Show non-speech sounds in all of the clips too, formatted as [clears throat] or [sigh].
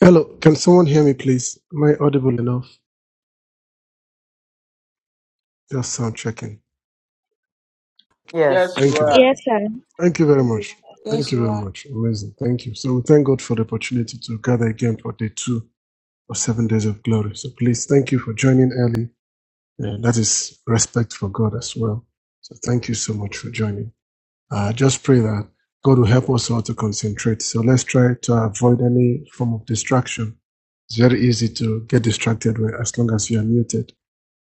Hello, can someone hear me, please? Am I audible enough? Just sound checking. Yes, Yes. you Thank you. are. Yes, sir. Thank you very much. Thank Yes, you you very are. much. Amazing. Thank you. So we thank God for the opportunity to gather again for day two of seven days of glory. So please thank you for joining early. Uh, that is respect for God as well. So thank you so much for joining. Uh, I just pray that God will help us all to concentrate. So let's try to avoid any form of distraction. It's very easy to get distracted when- as long as you are muted.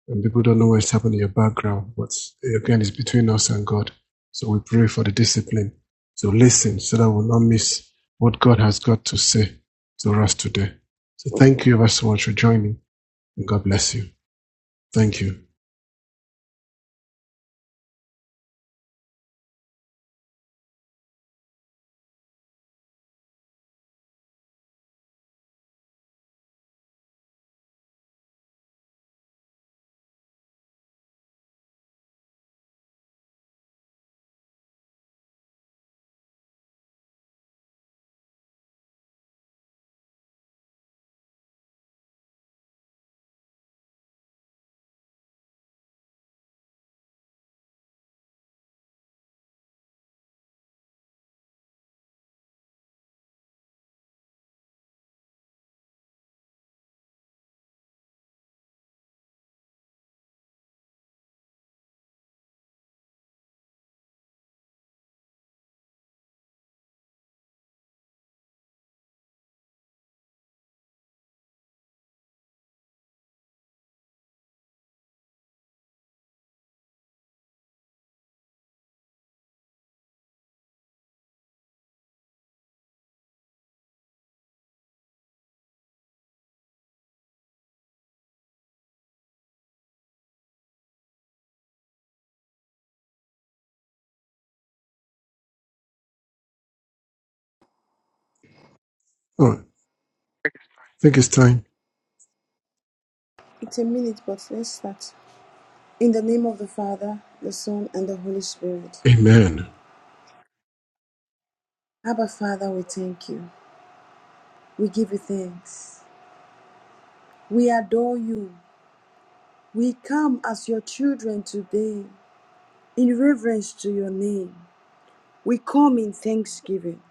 and people don't know what's happening in your background. But again, it's between us and God. So we pray for the discipline to listen so that we'll not miss what God has got to say to us today. So thank you ever so much for joining and God bless you. Thank you. All right. I think it's time. It's a minute, but let's start. In the name of the Father, the Son, and the Holy Spirit. Amen. Abba, Father, we thank you. We give you thanks. We adore you. We come as your children today in reverence to your name. We come in thanksgiving.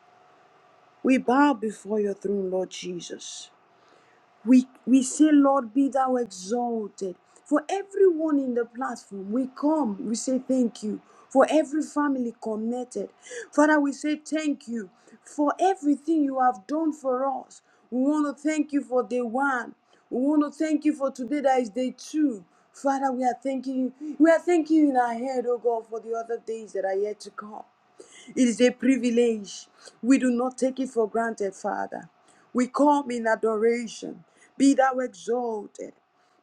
We bow before your throne, Lord Jesus. We we say, Lord, be thou exalted. For everyone in the platform, we come, we say thank you. For every family connected. Father, we say thank you for everything you have done for us. We want to thank you for day one. We want to thank you for today that is day two. Father, we are thanking you. We are thanking you in our head, oh God, for the other days that are yet to come. It is a privilege. We do not take it for granted, Father. We come in adoration. Be thou exalted.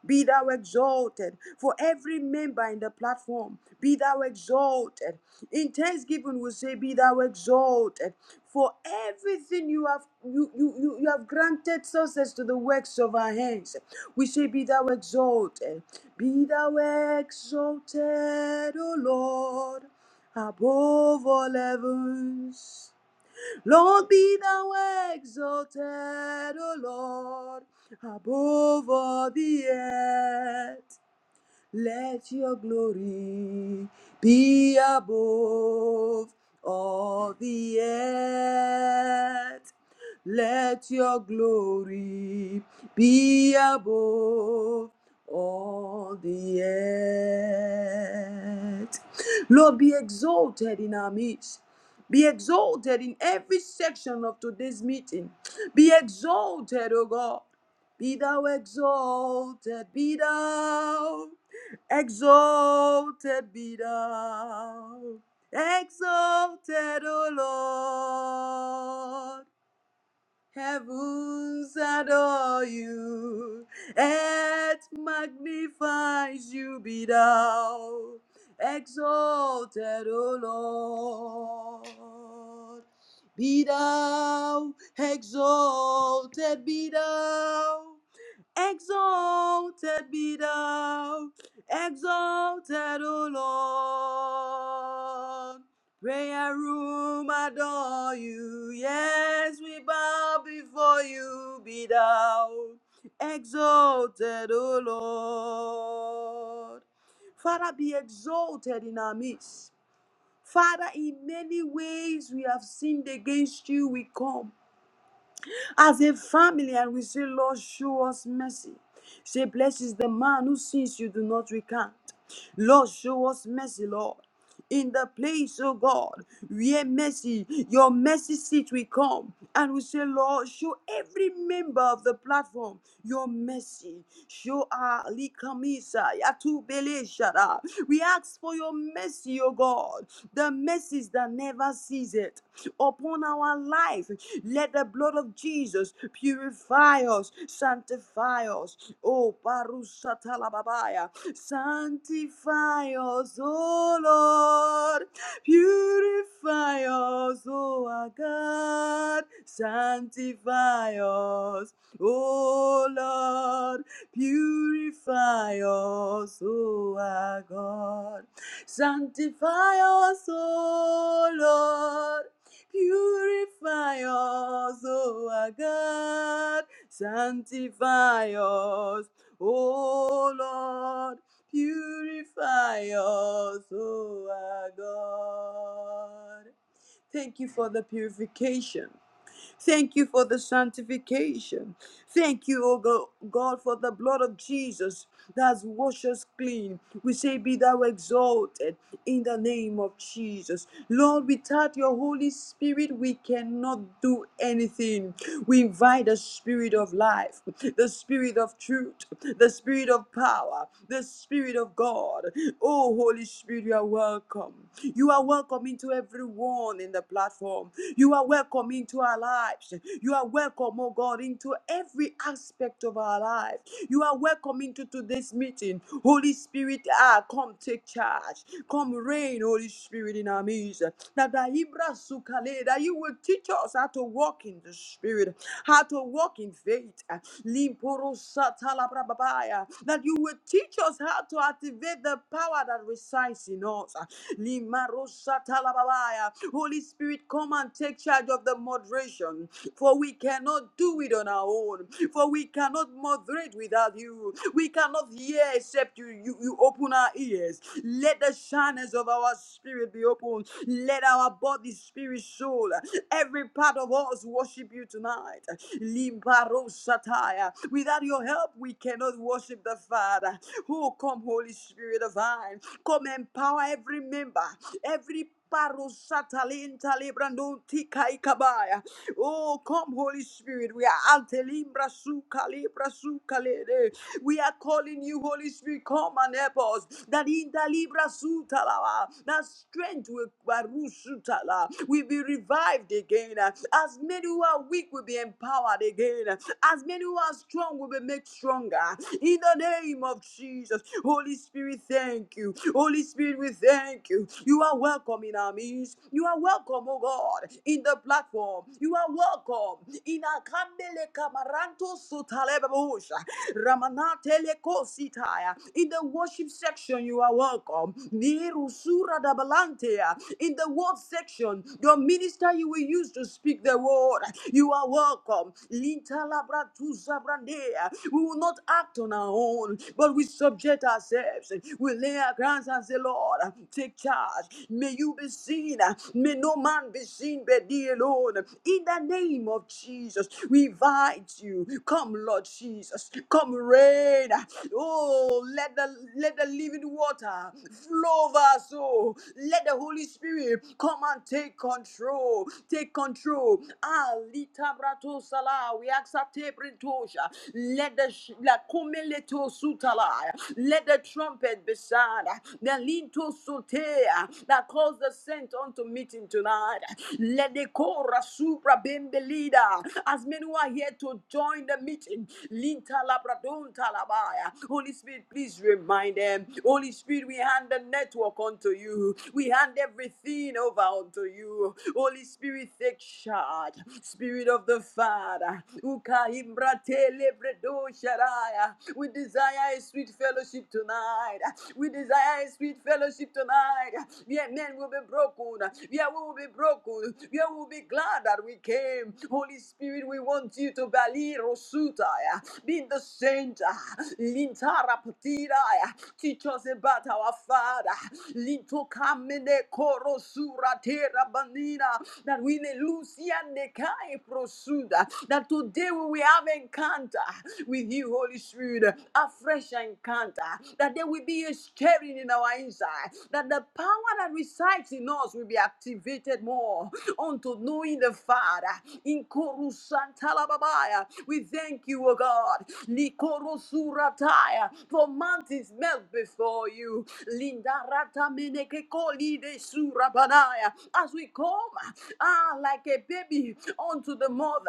Be thou exalted for every member in the platform. Be thou exalted. In thanksgiving, we say, Be thou exalted for everything you have you, you, you, you have granted success to the works of our hands. We say, Be thou exalted. Be thou exalted, O Lord, above all heavens. Lord, be thou exalted, O Lord, above all the earth. Let your glory be above all the earth. Let your glory be above all the earth. Lord, be exalted in our midst. Be exalted in every section of today's meeting. Be exalted, O God. Be thou exalted, be thou Exalted be thou, exalted, O Lord. Heavens adore you, earth magnifies you, be thou. Exalted, O Lord. Be thou exalted, be thou. Exalted be thou, exalted, O Lord. Prayer room adore you. Yes, we bow before you, be thou. Exalted, O Lord. Father, be exalted in our midst. Father, in many ways we have sinned against you, we come as a family and we say, Lord, show us mercy. Say, blessed is the man who sins you do not recant. Lord, show us mercy, Lord. In the place, oh God, where mercy, your mercy seat will come. And we say, Lord, show every member of the platform your mercy. Show our Likamisa, Yatubele Shara. We ask for your mercy, oh God, the mercies that never cease it upon our life let the blood of Jesus purify us, sanctify us. Oh, Barusatalababaya, sanctify us, oh Lord. Purify us, oh our God. Sanctify us, oh Lord. Purify us, oh our God. Sanctify us, O Lord. Purify us, O our God. Sanctify us, O Lord. Purify us, O our God. Thank you for the purification. Thank you for the sanctification. Thank you, O Go- God, for the blood of Jesus that's washed us clean. We say, Be thou exalted in the name of Jesus. Lord, without your Holy Spirit, we cannot do anything. We invite the spirit of life, the spirit of truth, the spirit of power, the spirit of God. Oh, Holy Spirit, you are welcome. You are welcome into everyone in the platform. You are welcome into our lives. You are welcome, oh God, into every aspect of our life. You are welcome into today's meeting. Holy Spirit, ah, come come take charge. Come reign, Holy Spirit, in our midst. That the Ibra Sukale, that you will teach us how to walk in the Spirit, how to walk in faith. Limporo Satalabrababaya. That you will teach us how to activate the power that resides in us. Limaro Satalababaya. Holy Spirit, come and take charge of the moderation. For we cannot do it on our own. For we cannot moderate without you. We cannot hear except you, you, you open our ears. Let the shyness of our spirit be open. Let our body, spirit, soul, every part of us worship you tonight. Limbaro satire. Without your help, we cannot worship the Father. Oh, come, Holy Spirit divine. Come empower every member, every Paro Satalin Talibrando Tika ikabaya. Oh, come, Holy Spirit. We are Antelibra su calibra We are calling you, Holy Spirit. Come and help us. That in the libra su that strength will baru su will be revived again. As many who are weak will be empowered again. As many who are strong will be made stronger. In the name of Jesus. Holy Spirit, thank you. Holy Spirit, we thank you. You are welcome in our midst. You are welcome, oh God, in the platform. You are welcome in our Kambele Kamaranto Sutalebabusha. Ramanatele Kositaya. In the worship section, you are welcome. Niru Sura Dabalantea. In the word section, your minister you will use to speak the word. You are welcome. Linta labra tu zabrandea. We will not act on our own, but we subject ourselves. We lay our hands and say, Lord, take charge. May you be seen. May no man be seen but thee alone. In the name of Jesus, we invite you. Come, Lord Jesus. Come reign. Oh, let the let the living water flow over us. Oh, let the Holy Spirit come and take control. Take control. Ah, lita brato sala. We ask that te brintosha. Let the sh- la kumeleto sutala. Let the trumpet be sound. The linto sotea that calls the saint unto meeting tonight. Ledeko Rasubra Bembelida. As many who are here to join the meeting, Linta Labradon Talabaya. Holy Spirit, please remind them. Holy Spirit, we hand the network unto you. We hand everything over unto you. Holy Spirit, take charge. Spirit of the Father. Uka Imbrate Lebredo Sharaya. We desire a sweet fellowship tonight. We desire a sweet fellowship tonight. Where men will be broken. Where we will be broken you. You will be glad that we came. Holy Spirit, we want you to Bali Rosutaya. Be in the center. Lintara Patidaya. Teach us about our Father. Linto Kamene Koro Sura Tera Banina. That we ne Lucia Nekai Prosuda. That today we will have encounter with you, Holy Spirit. A fresh encounter. That there will be a stirring in our inside. That the power that resides in us will be activated more unto knowing the Father. In Korusantalababaya, we thank you, O God. Likorosurataya, for mountains melt before you. Lindarata menekekoli de surabanaya, as we come, ah, like a baby unto the mother.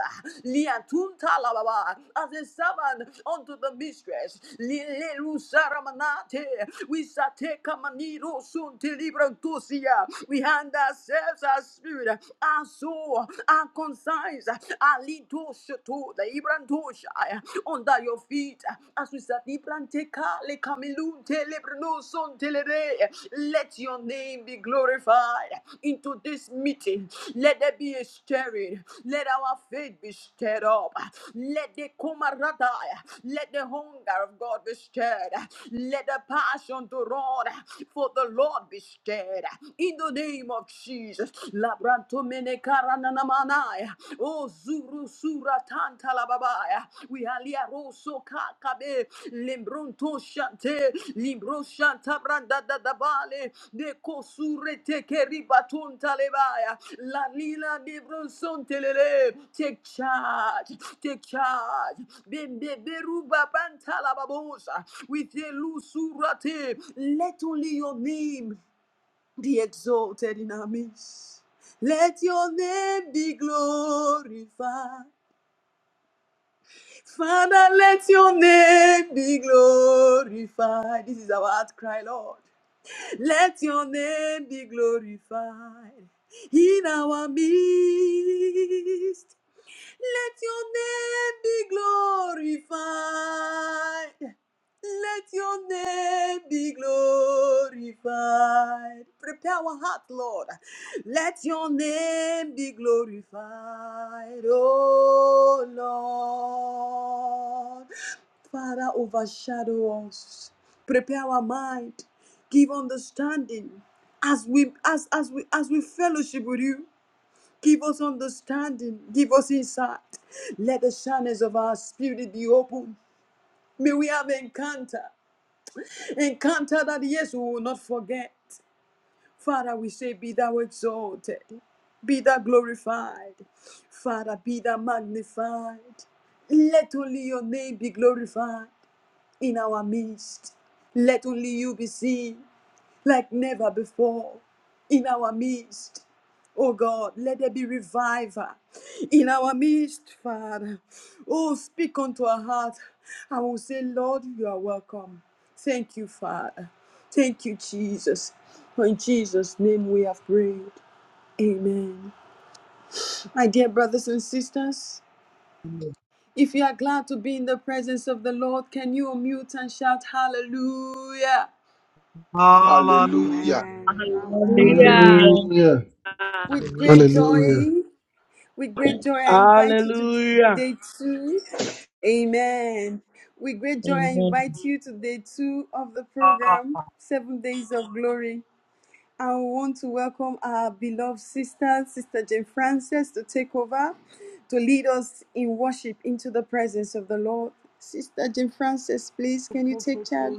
Liantuntalababa, as a servant unto the mistress. Lilerusaramanate, we satekamaniro suntilibrantusia. We hand ourselves our spirit our soul, our concerns, our little to the Ibrantusha under your feet. As we said, Ibranteka le kamilun telebrno son telere. Let your name be glorified into this meeting. Let there be a stirring. Let our faith be stirred up. Let the kumaradaya, let the hunger of God be stirred. Let the passion to run for the Lord be stirred in the name of Jesus. Labrantomene karananamanaya. Oh, Zuru Sura Tanta Lababaya. We alia roso kakabe. Lembrunto shante. Limbro shanta branda da da bale. De kosure teke ribatonta lebaya. La lila de bronson telele. Take charge. Take charge. Bembe beruba banta lababosa. With a Lusurate, let only your name be exalted in our midst. Let your name be glorified. Father, let your name be glorified. This is our outcry, Lord. Let your name be glorified in our midst. Let your name be glorified. Let your name be glorified. Prepare our heart, Lord. Let your name be glorified, oh Lord. Father, overshadow us. Prepare our mind. Give understanding as we as as we as we fellowship with you. Give us understanding. Give us insight. Let the channels of our spirit be open. May we have encounter. Encounter that, yes, we will not forget. Father, we say, Be thou exalted. Be thou glorified. Father, be thou magnified. Let only your name be glorified in our midst. Let only you be seen like never before in our midst. Oh God, let there be revival in our midst, Father. Oh, speak unto our heart. I will say, Lord, you are welcome. Thank you, Father. Thank you, Jesus. For in Jesus' name we have prayed. Amen. My dear brothers and sisters, Hallelujah. if you are glad to be in the presence of the Lord, can you unmute and shout hallelujah Hallelujah. Hallelujah. Hallelujah. Hallelujah. with Hallelujah. great Hallelujah. joy? With great joy, I invite you to Hallelujah. day two. Amen. With great joy, I Amen. invite you to day two of the program, Seven Days of Glory. I want to welcome our beloved sister, Sister Jane Frances, to take over, to lead us in worship into the presence of the Lord. Sister Jane Frances, please, can you take charge?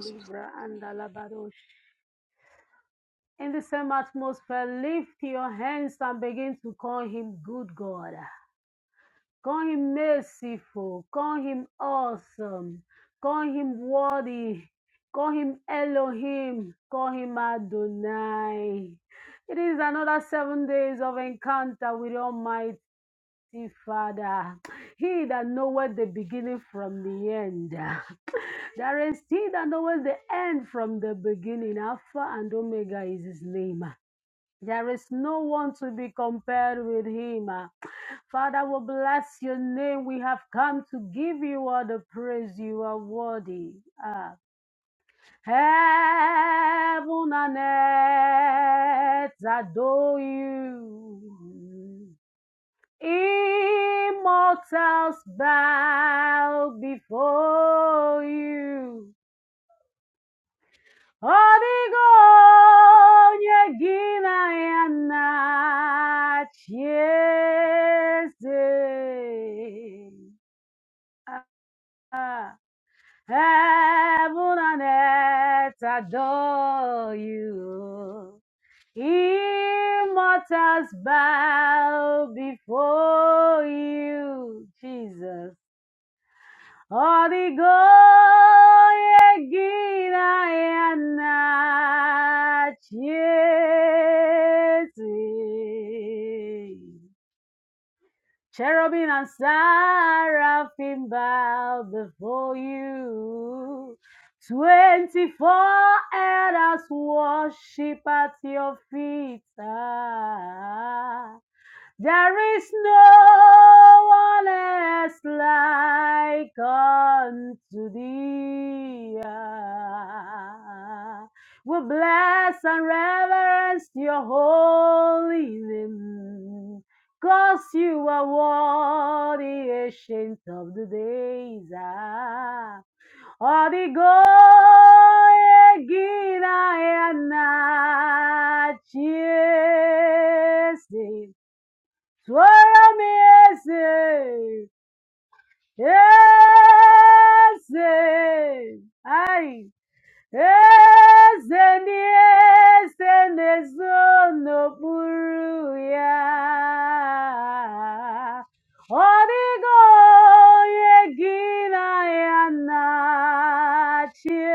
In the same atmosphere, lift your hands and begin to call him good God. Call him merciful. Call him awesome. Call him worthy. Call him Elohim. Call him Adonai. It is another seven days of encounter with Almighty Mighty Father, He that knoweth the beginning from the end. [laughs] There is He that knoweth the end from the beginning. Alpha and Omega is His name. There is no one to be compared with Him. Father, we bless your name. We have come to give you all the praise you are worthy. Ah. Heaven and earth adore you. Immortals bow before you. Odigo nye gina ya na chiese. Ah, Heaven and earth adore you. Immortals bow before you, Jesus. Origoyeginayanachiesi. Cherubim and seraphim bow before you. Twenty-four elders worship at your feet. Ah. There is no one else like unto thee. Ah, We bless and reverence your holy name, 'cause you are worthy, ancient of the days. Ah, Adigoye Gina and Soyame ese, ese, ay. Eze n'eze na-ezo n'okpuru ya. odigo yegina onye gị na ya na-achị.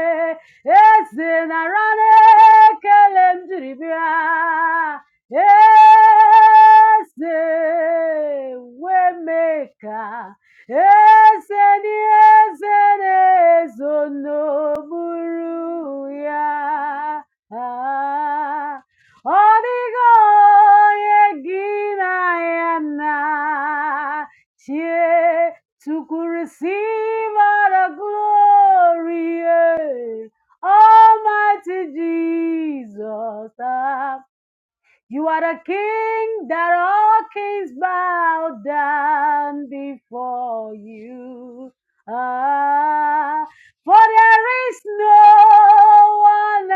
Eze nara n'ekele m Eze wee Eseni ezere zonoburu ya. Ah, Ọdịgo onye gị na ya na chie to receive all the glory. eh. Almighty Jesus, the you are the king that all kings bow down before you. Ah, for there is no one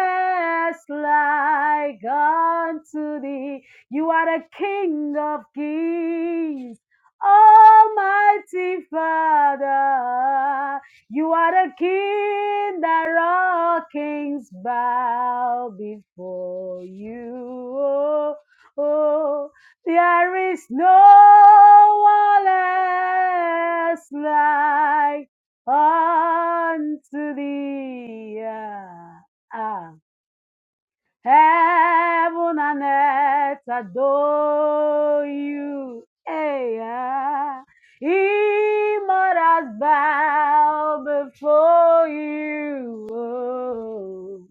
else like unto thee. You are the king of kings, almighty Father. You are the king that all kings bow before you. Oh, oh, there is no one else like unto thee. Ah, ah. Heaven and earth adore you. Hey, yeah. Immortals bow before you. Oh.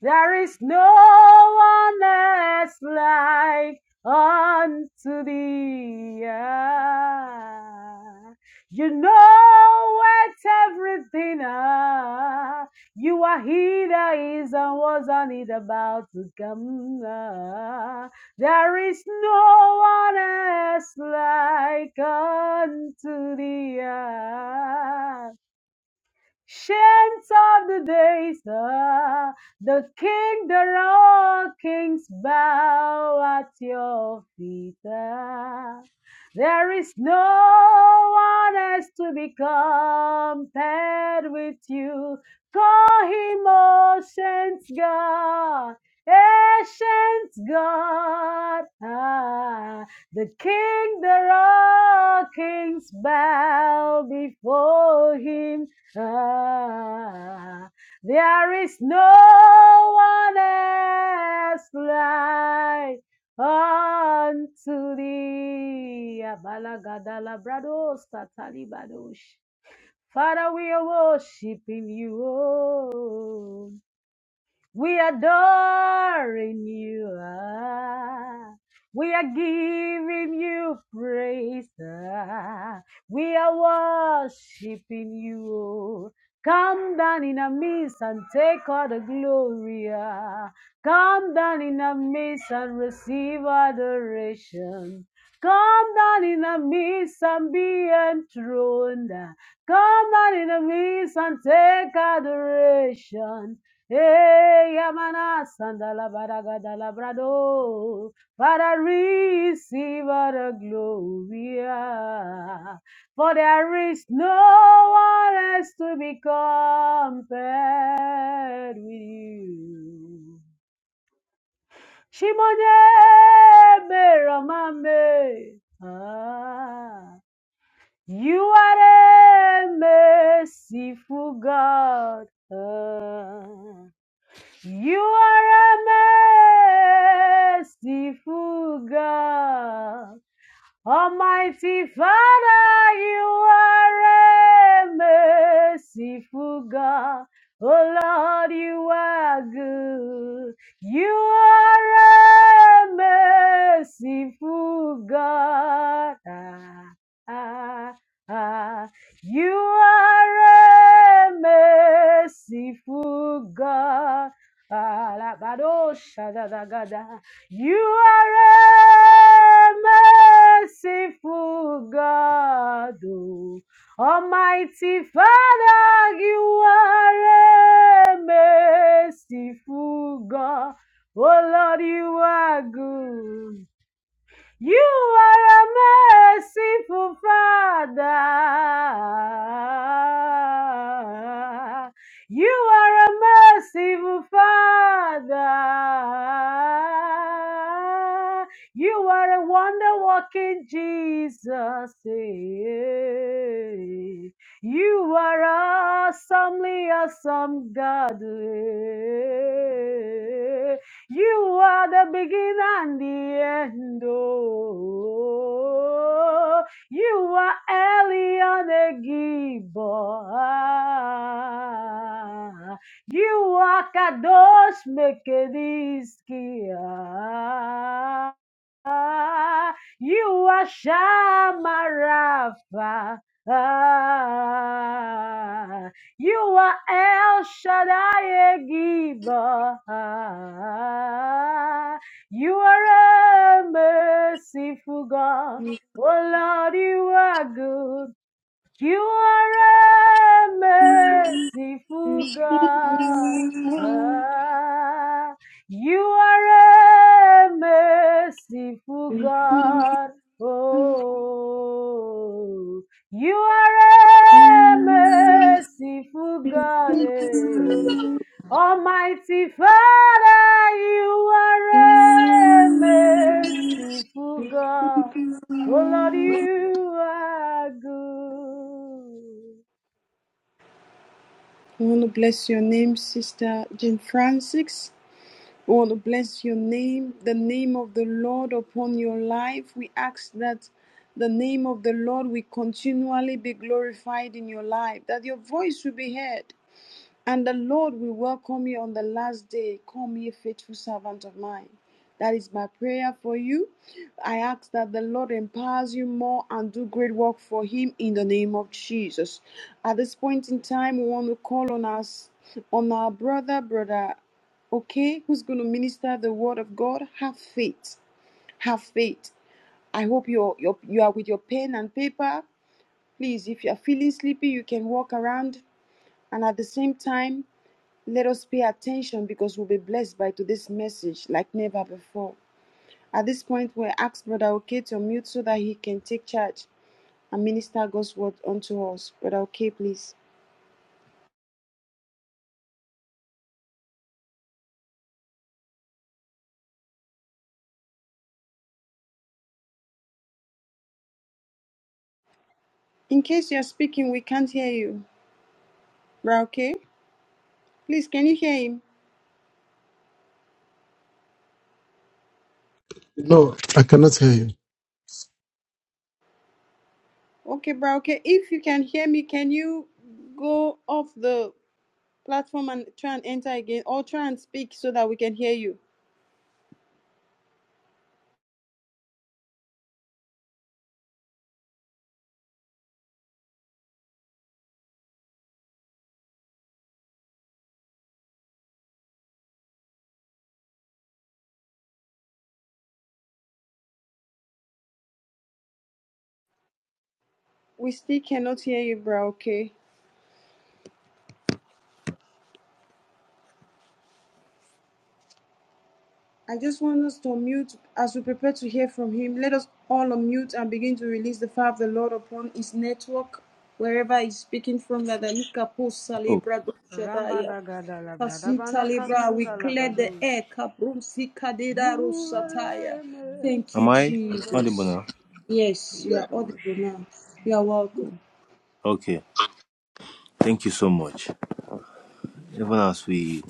There is no one else like unto thee. Ah, You know it everything. Ah, You are he that is and was and is about to come. Ah, There is no one else like unto thee. Ah, Shades of the days, ah, the King, the all kings bow at your feet. ah. There is no one else to be compared with you. Call him oceans, God, ancients, God. ah. The King, the all kings bow before him. Ah, there is no one else like unto thee. Abalagadalabrados katalibadosh. Father, we are worshiping you. oh. We adoring you. ah. We are giving you praise. ah. We are worshiping you. oh. Come down in our midst and take all the glory. ah. Come down in our midst and receive adoration. Come down in the midst and be enthroned. ah. Come down in the midst and take adoration. Hey, Yamana Sandala Baragadala Brado, I receive all the glory. ah. For there is no one else to be compared with you. Shimone Beramame, ah, you are a merciful God. ah. You are a merciful God. Almighty Father, you are a merciful God. Oh Lord, you are good. You are a merciful God. Ah, ah, ah. You are a merciful God. Ah, la, ba, do, sha, da, da, ga, da. You are a merciful God, O Almighty Father. You are a merciful God. Oh Lord, you are good. You are a merciful Father. You are a merciful Father. You are a wonder working Jesus. eh. You are awesomely awesome God. eh. You are the beginning and the end. Oh, you are Elion Egibo. You are Kadosh Mekediskia. You are Shamarafa. You are El Shaddai Giver. You are a merciful God. Oh Lord, you are good. You are a merciful God. Ah, you are a merciful God. Oh, you are a merciful God. eh. Almighty Father, you are a merciful God. Oh Lord, you are I want to bless your name, Sister Jane Frances. We want to bless your name, the name of the Lord upon your life. We ask that the name of the Lord will continually be glorified in your life, that your voice will be heard and the Lord will welcome you on the last day. Come, ye faithful servant of mine. That is my prayer for you. I ask that the Lord empowers you more and do great work for Him in the name of Jesus. At this point in time, we want to call on us, on our brother, brother, okay, who's going to minister the word of God. Have faith. Have faith. I hope you're, you're you are with your pen and paper. Please, if you are feeling sleepy, you can walk around and at the same time let us pay attention because we'll be blessed by today's message like never before. At this point, we'll ask Brother OK to mute so that he can take charge and minister God's word unto us. Brother OK, please. In case you're speaking, we can't hear you. Brother OK, please, can you hear him? No, I cannot hear you. Okay, Brother OK, if you can hear me, can you go off the platform and try and enter again or try and speak so that we can hear you? We still cannot hear you, Brother OK. I just want us to unmute as we prepare to hear from him. Let us all unmute and begin to release the fire of the Lord upon his network, wherever he's speaking from. That the Likaposa Oh, Libra good. Doshadaya, Pasita Libra, we clear the you Ekaparosataya. are a Thank am you, I merciful God. audible Jesus. now? Yes, you Yeah, are audible now. You are yeah. welcome. Okay, thank you so much. Even as we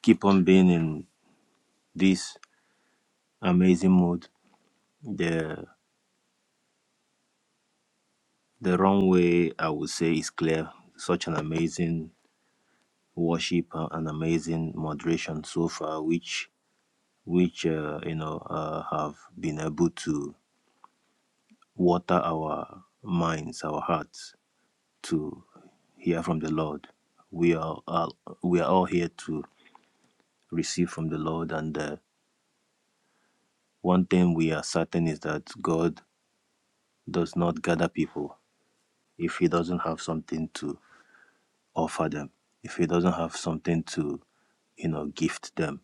keep on being in this amazing mood, the the wrong way I would say is clear. Such an amazing worship, uh, an amazing moderation so far, which which uh, you know uh, have been able to water our minds, our hearts, to hear from the Lord. We are all, we are all here to receive from the Lord and. Uh, One thing we are certain is that God does not gather people if he doesn't have something to offer them, if he doesn't have something to, you know, gift them.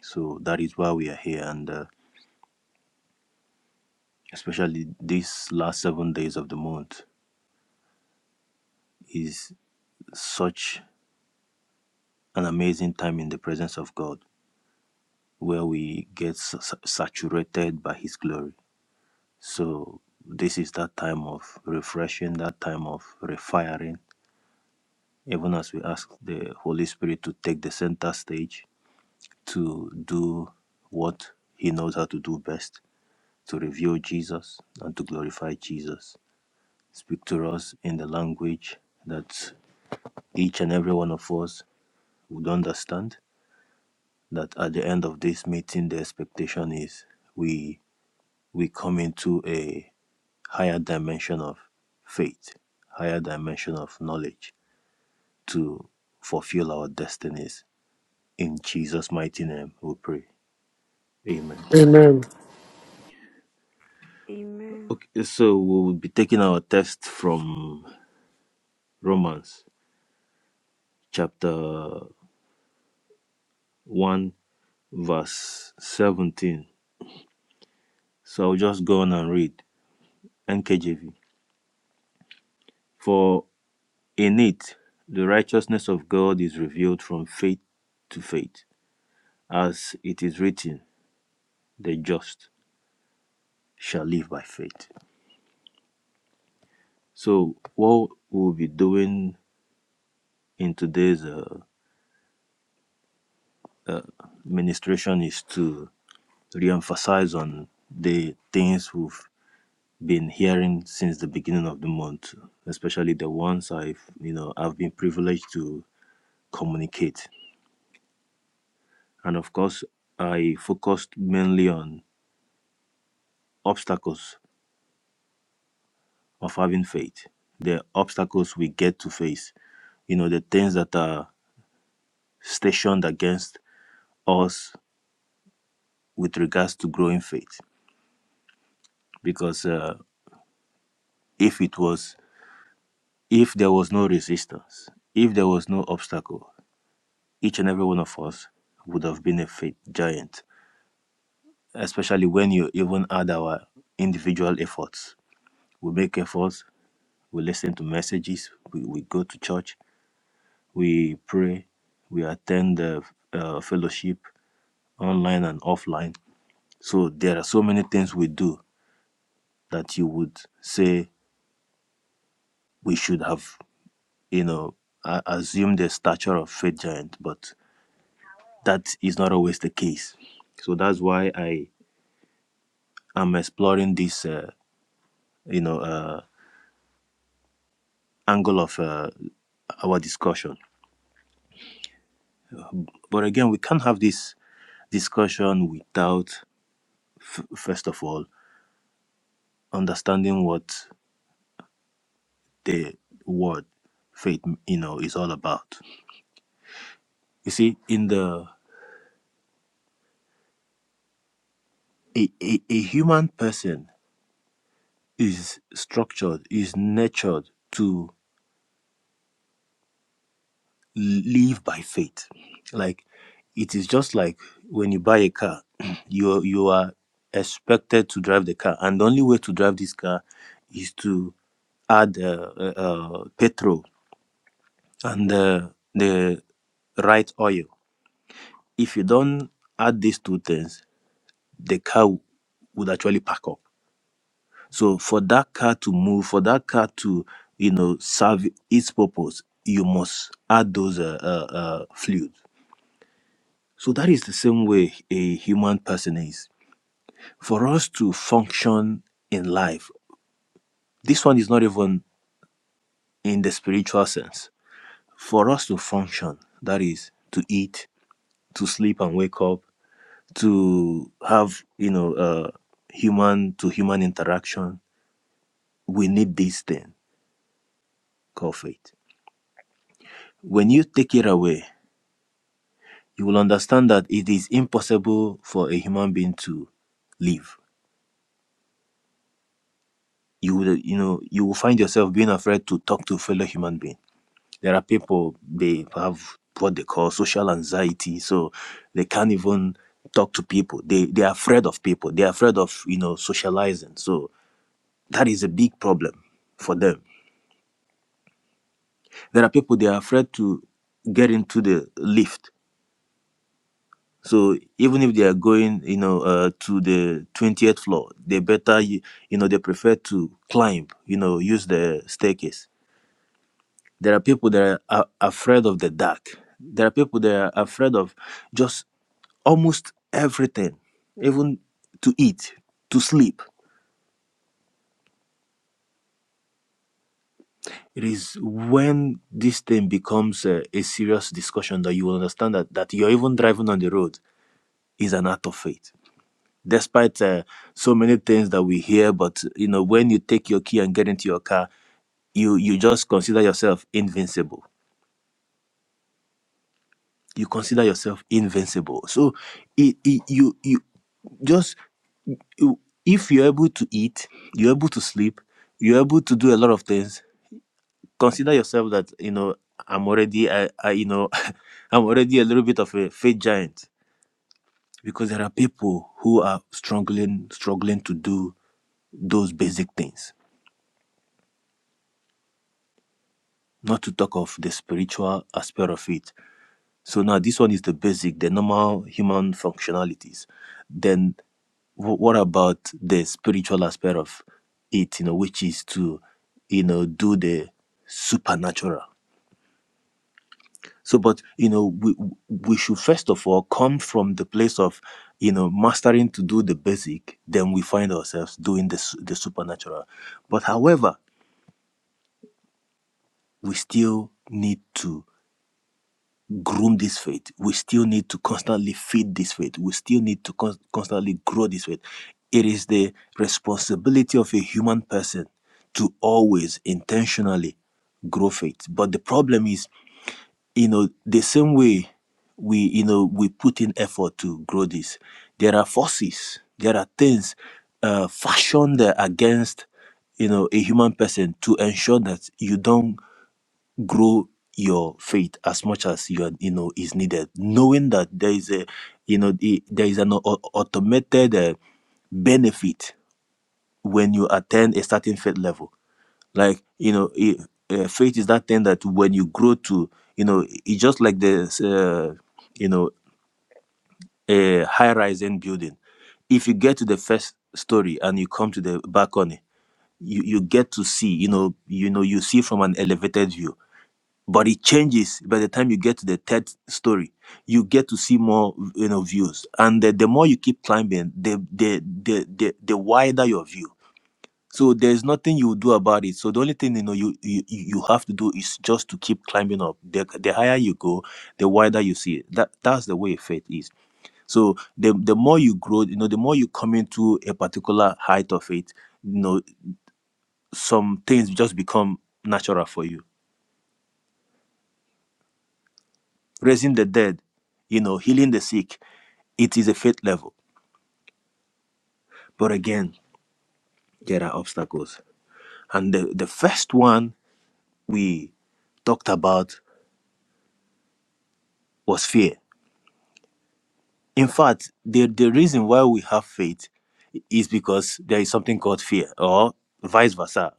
So that is why we are here. And uh, especially these last seven days of the month is such an amazing time in the presence of God where we get sa- sa- saturated by his glory. So this is that time of refreshing, that time of refiring, even as we ask the Holy Spirit to take the center stage to do what He knows how to do best, to reveal Jesus and to glorify Jesus. Speak to us in the language that each and every one of us would understand. That at the end of this meeting, the expectation is we we come into a higher dimension of faith, higher dimension of knowledge to fulfill our destinies In Jesus' mighty name, we pray. Amen. Amen. Okay, so we will be taking our text from Romans chapter 1, verse 17. So I'll just go on and read NKJV. For in it, the righteousness of God is revealed from faith to faith, as it is written, the just shall live by faith. So, what we'll be doing in today's uh, ministration is to re-emphasize on the things we've been hearing since the beginning of the month, especially the ones I've you know I've been privileged to communicate. And of course, I focused mainly on obstacles of having faith, the obstacles we get to face, you know, the things that are stationed against us with regards to growing faith. Because uh, if it was, if there was no resistance, if there was no obstacle, each and every one of us would have been a faith giant, especially when you even add our individual efforts. We make efforts, we listen to messages, we, we go to church, we pray, we attend the uh, fellowship online and offline. So there are so many things we do that you would say we should have, you know, a- assumed the stature of faith giant, but that is not always the case. So that's why I am exploring this. Uh, you know uh, angle of uh, our discussion. But again, we can't have this discussion without first of all understanding what the word faith you know is all about. You see, in the a, a, a human person is structured, is nurtured to live by faith. Like it is just like when you buy a car, [clears throat] you you are expected to drive the car, and the only way to drive this car is to add uh, uh, uh, petrol and uh, the right oil. If you don't add these two things, the car w- would actually pack up. So for that car to move, for that car to you know serve its purpose, you must add those uh, uh, uh, fluids. So that is the same way a human person is. For us to function in life, this one is not even in the spiritual sense. For us to function, that is to eat, to sleep and wake up, to have, you know, uh, human to human interaction, we need this thing called faith. When you take it away, you will understand that it is impossible for a human being to live. You will, you know, you will find yourself being afraid to talk to fellow human being There are people they have what they call social anxiety, so they can't even talk to people. They they are afraid of people. They are afraid of you know socializing. So that is a big problem for them. There are people they are afraid to get into the lift. So even if they are going, you know, uh, to the twentieth floor, they better, you you know, they prefer to climb, you know, use the staircase There are people that are a- afraid of the dark. There are people that are afraid of just almost everything, even to eat, to sleep. It is when this thing becomes a, a serious discussion that you will understand that, that you're even driving on the road is an act of faith. Despite uh, so many things that we hear, but you know, when you take your key and get into your car, you you just consider yourself invincible. You consider yourself invincible. So, it, it, you you just you- if you're able to eat, you're able to sleep, you're able to do a lot of things. Consider yourself that you know I'm already I, I you know [laughs] I'm already a little bit of a faith giant because there are people who are struggling struggling to do those basic things. Not to talk of the spiritual aspect of it. So now this one is the basic, the normal human functionalities. Then Wh- what about the spiritual aspect of it you know which is to you know do the supernatural so but you know we we should first of all come from the place of you know mastering to do the basic then we find ourselves doing the, su- the supernatural but however we still need to groom this faith. We still need to constantly feed this faith. We still need to con- constantly grow this faith. It is the responsibility of a human person to always intentionally grow faith. But the problem is, you know, the same way we, you know, we put in effort to grow this, there are forces, there are things uh, fashioned against, you know, a human person to ensure that you don't grow your faith as much as you are, you know is needed knowing that there is a you know the, there is an au- automated uh, benefit when you attain a certain faith level like you know it, uh, faith is that thing that when you grow to you know it's just like this uh, you know a high rising building if you get to the first story and you come to the balcony you, you get to see you know you know you see from an elevated view but it changes by the time you get to the third story you get to see more you know views and the, the more you keep climbing the the, the the the wider your view so there's nothing you do about it so the only thing you know you you, you have to do is just to keep climbing up the, the higher you go the wider you see it that that's the way faith is so the the more you grow you know the more you come into a particular height of it you know some things just become natural for you raising the dead, you know, healing the sick. It is a faith level. But again, there are obstacles. And the, the first one we talked about was fear. In fact, the, the reason why we have faith is because there is something called fear, or vice versa.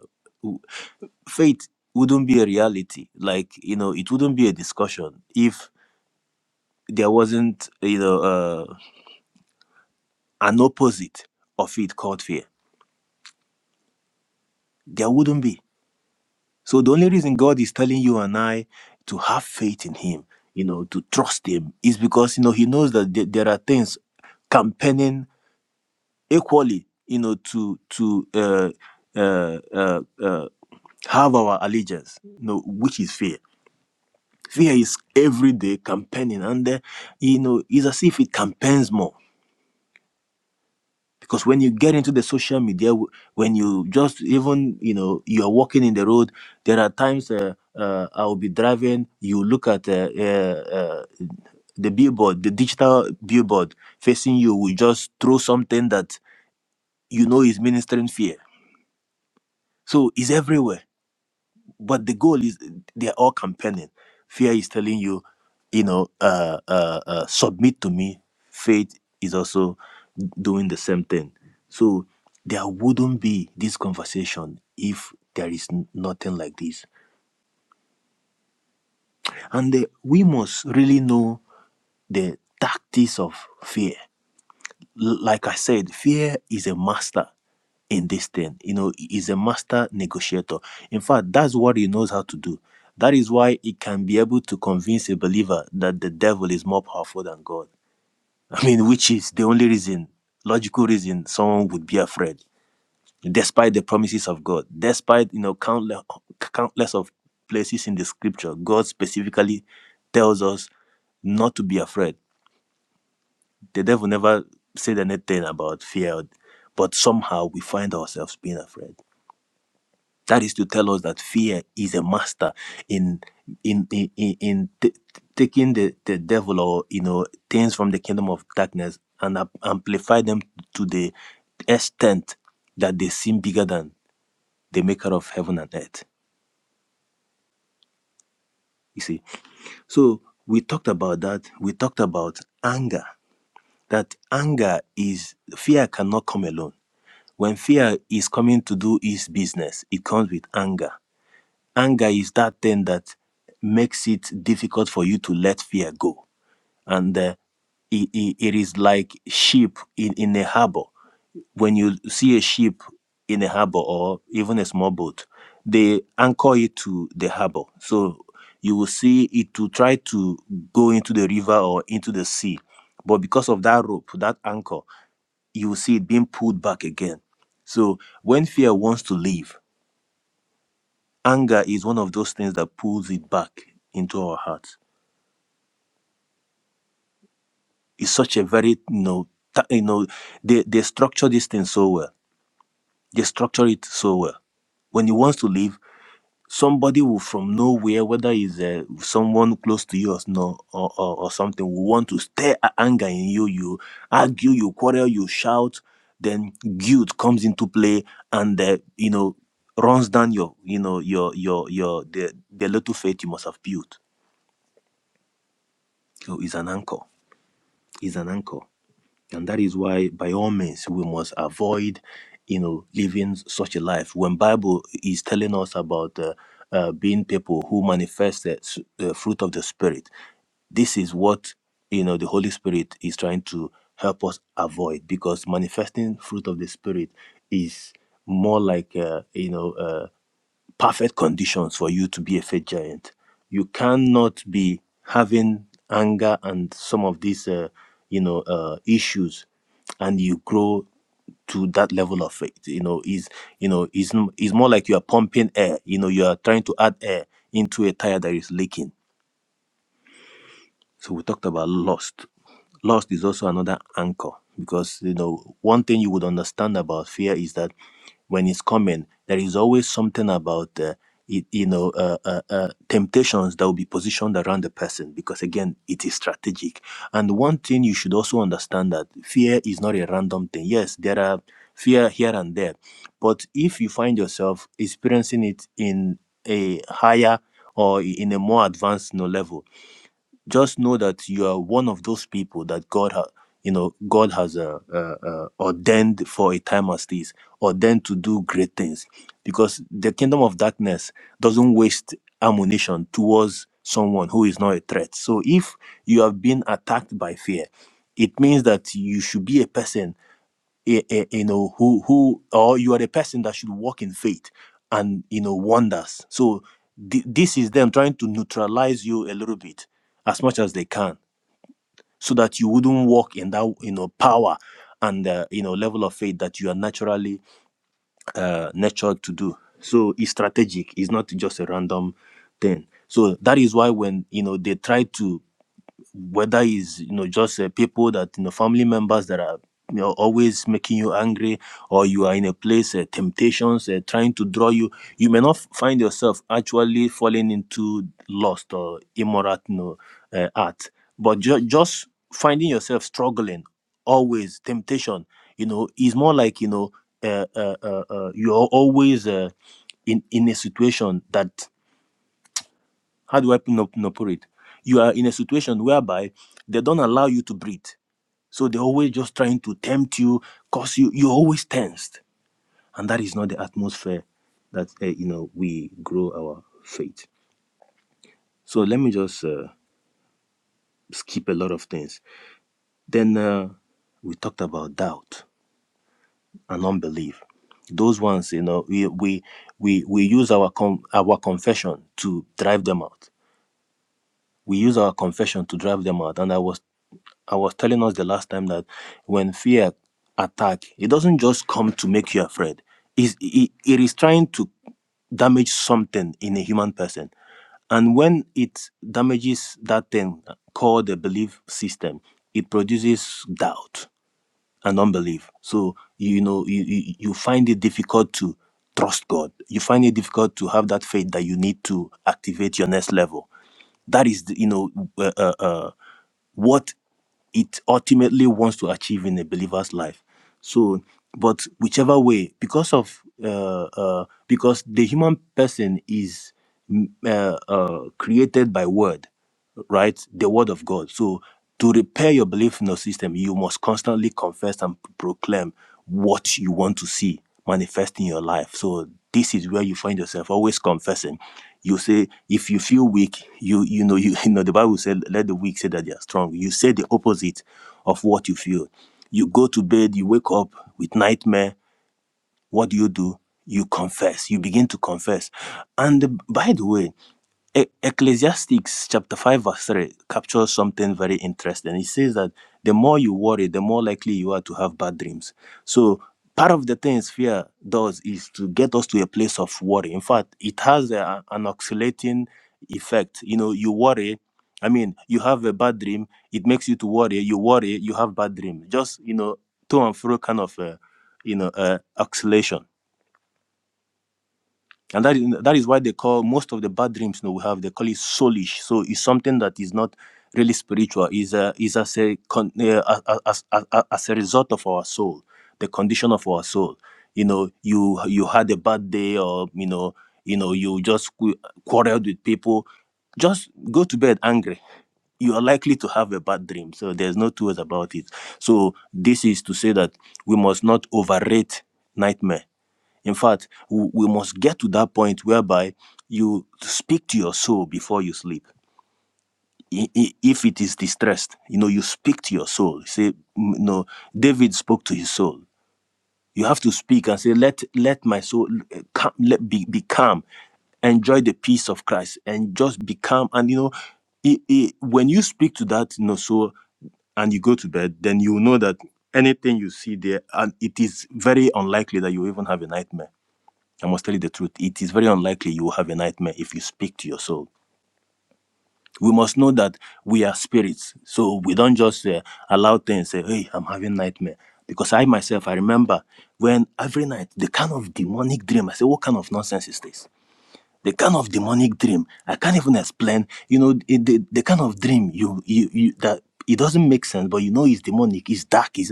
Faith wouldn't be a reality. Like, you know, it wouldn't be a discussion if there wasn't, you know, uh, an opposite of it called fear. There wouldn't be. So the only reason God is telling you and I to have faith in Him, you know, to trust Him, is because you know He knows that there there are things campaigning equally, you know, to to uh, uh, uh, uh, have our allegiance, you know, which is fear. Fear is every day campaigning, and uh, you know, it's as if it campaigns more. because when you get into the social media w- when you just even you know you're walking in the road there are times uh, uh, i'll be driving you look at uh, uh, uh, the billboard the digital billboard facing you will just throw something that you know is ministering fear so it's everywhere but the goal is they're all campaigning fear is telling you you know uh, uh, uh submit to me faith is also doing the same thing so there wouldn't be this conversation if there is n- nothing like this and the, we must really know the tactics of fear L- Like I said, fear is a master in this thing. You know, he is a master negotiator. In fact, that's what he knows how to do. That is why he can be able to convince a believer that the devil is more powerful than God. [laughs] I mean, which is the only reason, logical reason, someone would be afraid, despite the promises of God, despite you know countless countless of places in the Scripture, God specifically tells us not to be afraid. The devil never said anything about fear, but somehow we find ourselves being afraid. That is to tell us that fear is a master in in in, in, in t- taking the, the devil or you know things from the kingdom of darkness and ap- amplify them to the extent that they seem bigger than the maker of heaven and earth. You see, so we talked about that. We talked about anger. That anger is fear cannot come alone When fear is coming to do its business, it comes with anger. Anger is that thing that makes it difficult for you to let fear go. And uh, it, it, it is like sheep in, in a harbor. When you see a ship in a harbor or even a small boat, they anchor it to the harbor. So you will see it to try to go into the river or into the sea. But because of that rope, that anchor, you will see it being pulled back again. So when fear wants to leave, anger is one of those things that pulls it back into our hearts. It's such a very you know, ta- you know they, they structure this thing so well. They structure it so well. When it wants to leave, somebody will from nowhere, whether it's uh, someone close to you or, no, or, or, or something, will want to stir a- anger in you. You argue, you quarrel, you shout. Then guilt comes into play, and uh, you know runs down your you know your your your the the little faith you must have built. So it's an anchor. It's an anchor. And that is why, by all means, we must avoid, you know, living such a life. When Bible is telling us about uh, uh, being people who manifest the s- the fruit of the Spirit, this is what you know the holy spirit is trying to help us avoid because manifesting fruit of the spirit is more like uh, you know uh, perfect conditions for you to be a faith giant. You cannot be having anger and some of these, uh, you know, uh, issues, and you grow to that level of faith. You know, is you know, is is more like you are pumping air. You know, you are trying to add air into a tire that is leaking. So we talked about lust. Lust is also another anchor because you know one thing you would understand about fear is that when it's coming, there is always something about uh, it, you know uh, uh, uh, temptations that will be positioned around the person because again it is strategic. And one thing you should also understand that fear is not a random thing. Yes, there are fear here and there, but if you find yourself experiencing it in a higher or in a more advanced you know, level just know that you are one of those people that God has, you know, God has uh, uh, uh, ordained for a time as this, ordained to do great things, because the kingdom of darkness doesn't waste ammunition towards someone who is not a threat. So if you have been attacked by fear, it means that you should be a person y- y- you know who who or you are the person that should walk in faith and you know wonders so thi- this is them trying to neutralize you a little bit as much as they can so that you wouldn't walk in that you know power and uh, you know level of faith that you are naturally uh, nurtured to do so it's strategic it's not just a random thing so that is why when you know they try to whether it's you know just uh, people that you know family members that are you know always making you angry or you are in a place uh, temptations uh, trying to draw you you may not f- find yourself actually falling into lust or immoral you know, uh, art but ju- just finding yourself struggling always temptation you know is more like you know uh, uh, uh, uh, you're always uh, in in a situation that how do I pin up, pin up for it? You are in a situation whereby they don't allow you to breathe. So they're always just trying to tempt you, cause you, you're always tensed. And that is not the atmosphere that, uh, you know, we grow our faith. So let me just uh, skip a lot of things. Then uh, we talked about doubt and unbelief. Those ones, you know, we we we, we use our com- our confession to drive them out we use our confession to drive them out. And I was I was telling us the last time that when fear attack, it doesn't just come to make you afraid. It's, it, it is trying to damage something in a human person. And when it damages that thing called the belief system, it produces doubt and unbelief. So you know you, you you find it difficult to trust God. You find it difficult to have that faith that you need to activate your next level. That is the, you know uh, uh, uh, what it ultimately wants to achieve in a believer's life. So, but whichever way, because of uh, uh, because the human person is mm, uh, uh, created by word right? The word of God. So to repair your belief in the system, you must constantly confess and proclaim what you want to see manifest in your life. So this is where you find yourself always confessing. You say, if you feel weak, you you know you, [laughs] you know the Bible said, let the weak say that they are strong. You say the opposite of what you feel. You go to bed, you wake up with nightmare, what do you do? You confess. You begin to confess. And the- by the way, E- Ecclesiastics chapter 5 verse 3 captures something very interesting. It says that the more you worry, the more likely you are to have bad dreams. So part of the things fear does is to get us to a place of worry. In fact, it has a, an oscillating effect. You know, you worry, I mean, you have a bad dream, it makes you to worry, you worry, you have bad dream. Just, you know, to and fro kind of uh, you know, uh, acceleration. And that is, that is why they call most of the bad dreams you know, we have, they call it soulish. So it's something that is not really spiritual. Is a, is as a, con, uh, as, as, as as a result of our soul, the condition of our soul. You know, you you had a bad day or, you know, you know, you just qu- quarreled with people. Just go to bed angry. You are likely to have a bad dream. So there's no two ways about it. So this is to say that we must not overrate nightmare in fact, we we must get to that point whereby you speak to your soul before you sleep. I- i- If it is distressed, you know, you speak to your soul. Say, mm, no, David spoke to his soul. You have to speak and say, let let my soul uh, calm, let be, be calm, enjoy the peace of Christ, and just be calm. And you know, i i when you speak to that, you know, soul, and you go to bed, then you know that anything you see there, and it is very unlikely that you even have a nightmare I must tell you the truth. It is very unlikely you will have a nightmare if you speak to your soul. We must know that we are spirits, so we don't just uh, allow things. Say, "Hey, I'm having nightmare," because I myself I remember when every night the kind of demonic dream. I say, "What kind of nonsense is this?" The kind of demonic dream I can't even explain. You know, it, the, the kind of dream you you, you that it doesn't make sense, but you know it's demonic, it's dark. it's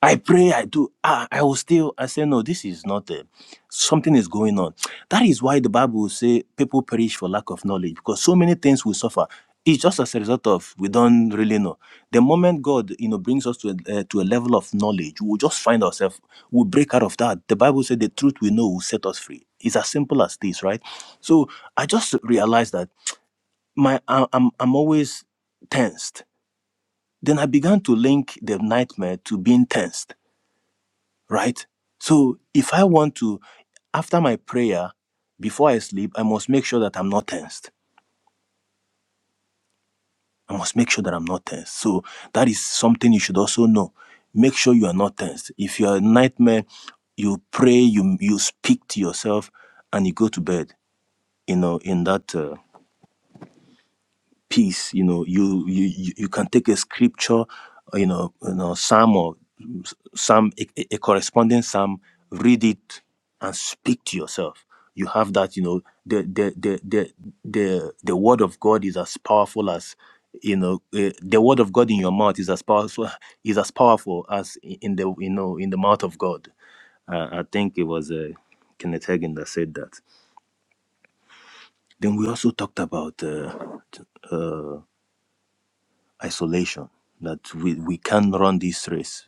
I pray, I do. Ah, I will still. I say, no, this is not it. Something is going on. That is why the Bible will say people perish for lack of knowledge because so many things we suffer. It's just as a result of we don't really know. The moment God, you know, brings us to a, uh, to a level of knowledge, we will just find ourselves. We will break out of that. The Bible said the truth we know will set us free. It's as simple as this, right? So I just realized that my I- I'm I'm always tensed. Then I began to link the nightmare to being tensed right? So if I want to, after my prayer, before I sleep, I must make sure that I'm not tensed. I must make sure that I'm not tensed. So that is something you should also know. Make sure you are not tensed. If you're a nightmare, you pray, you you speak to yourself, and you go to bed. You know, in that. uh, peace you know you you you you can take a scripture uh, you know you know psalm or s- psalm a, a a corresponding psalm read it and speak to yourself you have that you know the the the the the, the word of god is as powerful as you know uh, the word of god in your mouth is as powerful [laughs] is as powerful as i- in the you know in the mouth of god uh, i think it was uh, kenneth hagin that said that then we also talked about uh, isolation that we, we can run this race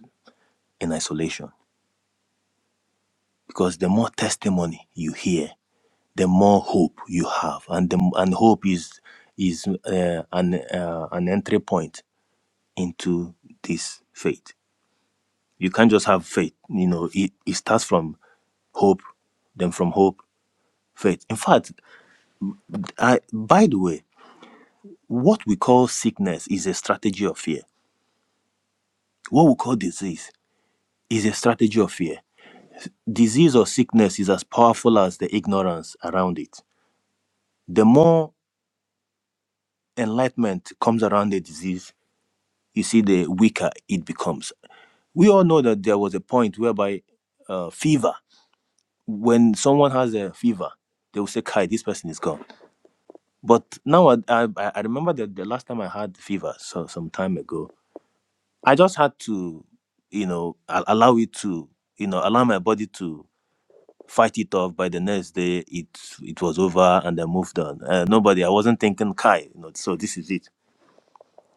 in isolation because the more testimony you hear the more hope you have and the, and hope is is uh, an uh, an entry point into this faith you can't just have faith you know it, it starts from hope then from hope faith in fact I, by the way what we call sickness is a strategy of fear what we call disease is a strategy of fear disease or sickness is as powerful as the ignorance around it. The more enlightenment comes around the disease, you see, the weaker it becomes. We all know that there was a point whereby uh, fever, when someone has a fever, they will say, Kai, this person is gone. But now I, I, I remember that the last time I had fever, so some time ago, I just had to, you know, a- allow it to, you know, allow my body to fight it off. By the next day, it it was over, and I moved on. Uh, nobody, I wasn't thinking, Kai, you know, so this is it.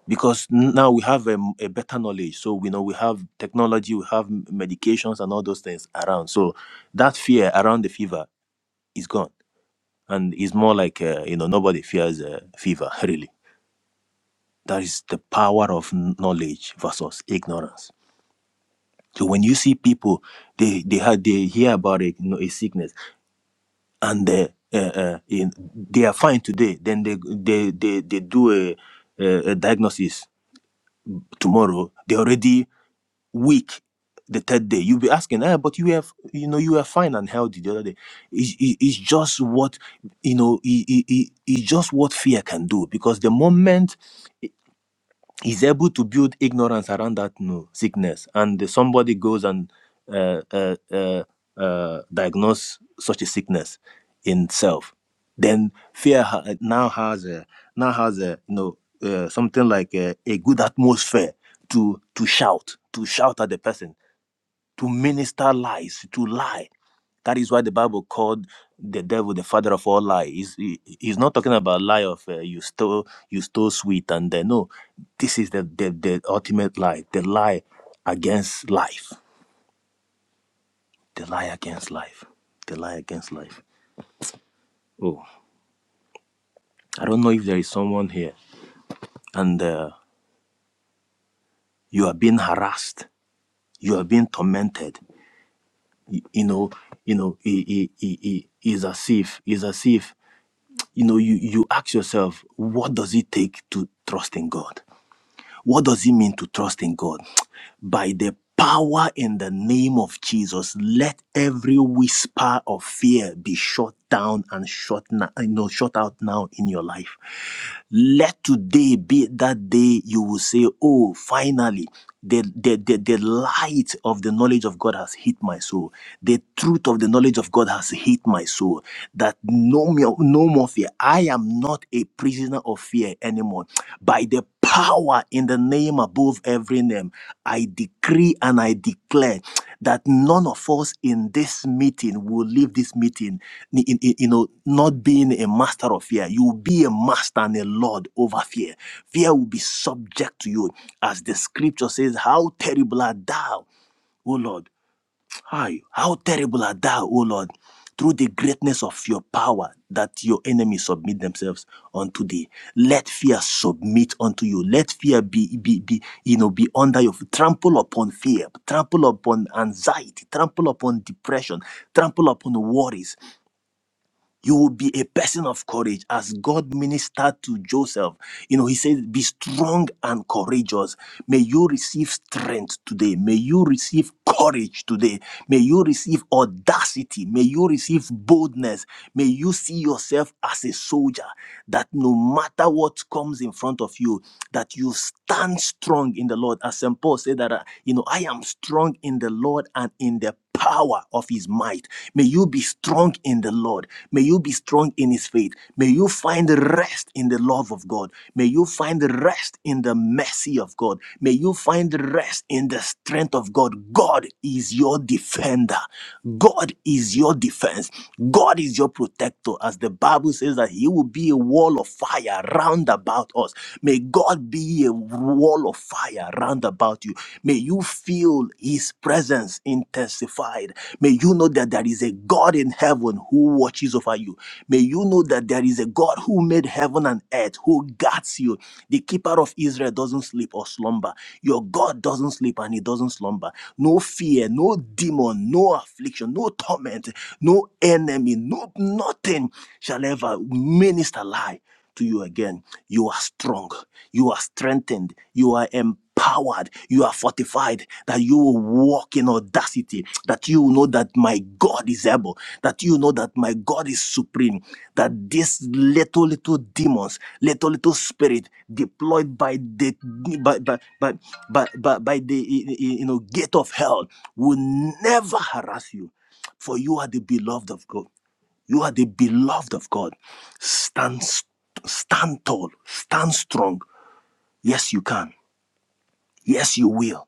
Because now we have a, a better knowledge, so we know we have technology, we have medications, and all those things around. So that fear around the fever is gone, and it's more like uh, you know nobody fears uh, fever [laughs] really. That is the power of knowledge versus ignorance. So when you see people, they they had they hear about a, you know, a sickness. and they, uh, uh, in, they are fine today. Then they they they, they do a, a, a diagnosis tomorrow. They're already weak the third day. You'll be asking, ah, but you have you know you were fine and healthy the other day. It's, it- it's just what you know. It, it, it- it's just what fear can do because the moment he's able to build ignorance around that no sickness and the- somebody goes and uh, uh, uh, uh, diagnose such a sickness in self then fear ha- now has a now has a you know uh, something like a, a good atmosphere to to shout to shout at the person to minister lies, to lie. That is why the Bible called the devil the father of all lies. He's, he- he's not talking about lie of uh, you stole you stole sweet and then no. This is the, the the ultimate lie, the lie against life, the lie against life, the lie against life. Oh, I don't know if there is someone here and uh, you are being harassed, you are being tormented. You, you know, you know, it, it, it, it is as if, is as if you know you you ask yourself what does it take to trust in god what does it mean to trust in God? By the power in the name of Jesus, let every whisper of fear be shut down and shut, na- you know, shut out now in your life. Let today be that day you will say, Oh, finally, the, the, the, the light of the knowledge of God has hit my soul. The truth of the knowledge of God has hit my soul. That no, more- no more fear. I am not a prisoner of fear anymore. By the power in the name above every name. I decree and I declare that none of us in this meeting will leave this meeting, n- in- in- you know, not being a master of fear. You will be a master and a lord over fear. Fear will be subject to you, as the scripture says, How terrible art thou! O Lord, Hi, how terrible art thou, O Lord, through the greatness of your power that your enemies submit themselves unto thee. Let fear submit unto you. Let fear be, be, be you know, be under your feet. Trample upon fear, trample upon anxiety, trample upon depression, trample upon worries you will be a person of courage as God ministered to Joseph. You know, he said, Be strong and courageous. May you receive strength today. May you receive courage today. May you receive audacity. May you receive boldness. May you see yourself as a soldier that no matter what comes in front of you, that you stand strong in the Lord. As St. Paul said that, uh, you know, I am strong in the Lord and in the power of his might. May you be strong in the Lord. May you be strong in his faith. May you find rest in the love of God. May you find rest in the mercy of God. May you find rest in the strength of God. God is your defender. God is your defense. God is your protector. As the Bible says that he will be a wall of fire round about us. May God be a wall of fire round about you. May you feel his presence intensified. May you know that there is a God in heaven who watches over you. May you know that there is a God who made heaven and earth, who guards you. The keeper of Israel doesn't sleep or slumber. Your God doesn't sleep and he doesn't slumber. No fear, no demon, no affliction, no torment, no enemy, no nothing shall ever minister lie to you again. You are strong. You are strengthened. You are empowered. You are fortified. That you will walk in audacity. That you know that my God is able. That you know that my God is supreme. That these little, little demons, little, little spirit deployed by the, by, by, by, by, by by the, you know, gate of hell will never harass you. For you are the beloved of God. You are the beloved of God. Stand, stand tall, stand strong. Yes, you can. Yes, you will.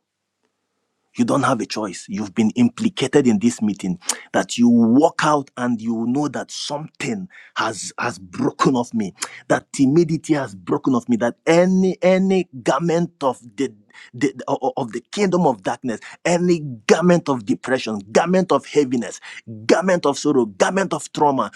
You don't have a choice. You've been implicated in this meeting that you walk out and you know that something has has broken off me. That timidity has broken off me. That any any garment of the, the of the kingdom of darkness, any garment of depression, garment of heaviness, garment of sorrow, garment of trauma,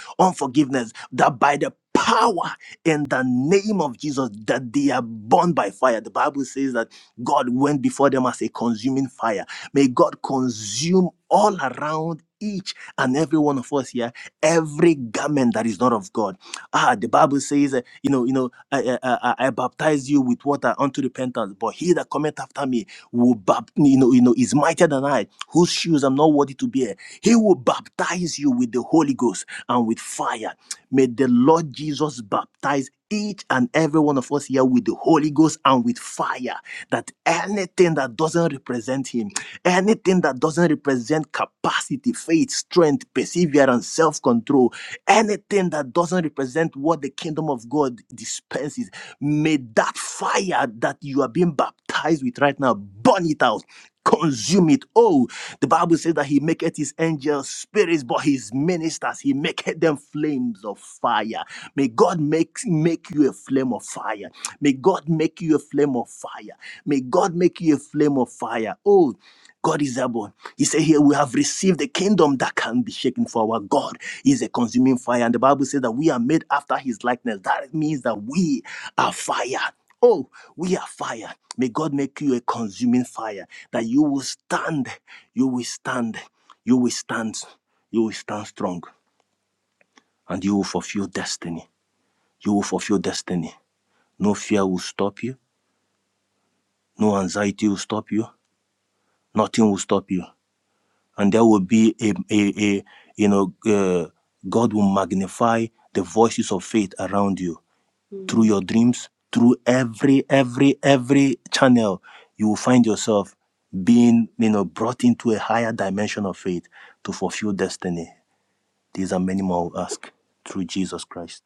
unforgiveness, that by the power in the name of Jesus that they are burned by fire. The Bible says that God went before them as a consuming fire. May God consume all around each and every one of us here every garment that is not of God. Ah, the Bible says, uh, you know, you know, I, I, I, I baptize you with water unto repentance, but he that cometh after me will, bap- you know, you know, is mightier than I, whose shoes I'm not worthy to bear. He will baptize you with the Holy Ghost and with fire. May the Lord Jesus baptize each and every one of us here with the Holy Ghost and with fire, that anything that doesn't represent Him Anything that doesn't represent capacity, faith, strength, perseverance, self control, anything that doesn't represent what the kingdom of God dispenses, may that fire that you are being baptized with right now burn it out. Consume it. Oh, the Bible says that he maketh his angels spirits, but his ministers, he maketh them flames of fire. May God make, make you a flame of fire. May God make you a flame of fire. May God make you a flame of fire. Oh, God is able. He said, Here we have received a kingdom that can be shaken, for our God is a consuming fire. And the Bible says that we are made after his likeness. That means that we are fire. Oh, we are fire. May God make you a consuming fire that you will stand, you will stand, you will stand, you will stand strong, and you will fulfill destiny. You will fulfill destiny. No fear will stop you, no anxiety will stop you, nothing will stop you. and there will be a, a, a you know uh, god will magnify the voices of faith around you through Mm. your dreams through every every every channel you will find yourself being you know brought into a higher dimension of faith to fulfill destiny these are many more we ask through jesus christ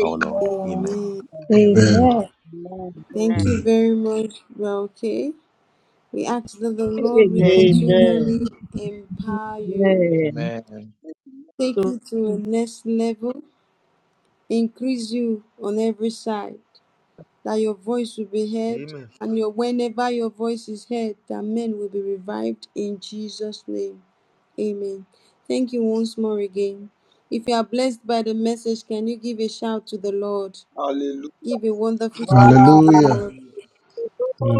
our lord amen Amen. Amen. Amen. Amen. Thank you Amen. Amen. very much. Well, okay. We ask that the Lord will Amen. continually Amen. empower you Amen. Amen. take you to a next level, increase you on every side, that your voice will be heard, Amen. and your whenever your voice is heard, that men will be revived in Jesus' name. Amen. Thank you once more again. If you are blessed by the message, can you give a shout to the Lord? Hallelujah. Give a wonderful Wow. shout to the Hallelujah. Lord. Hallelujah.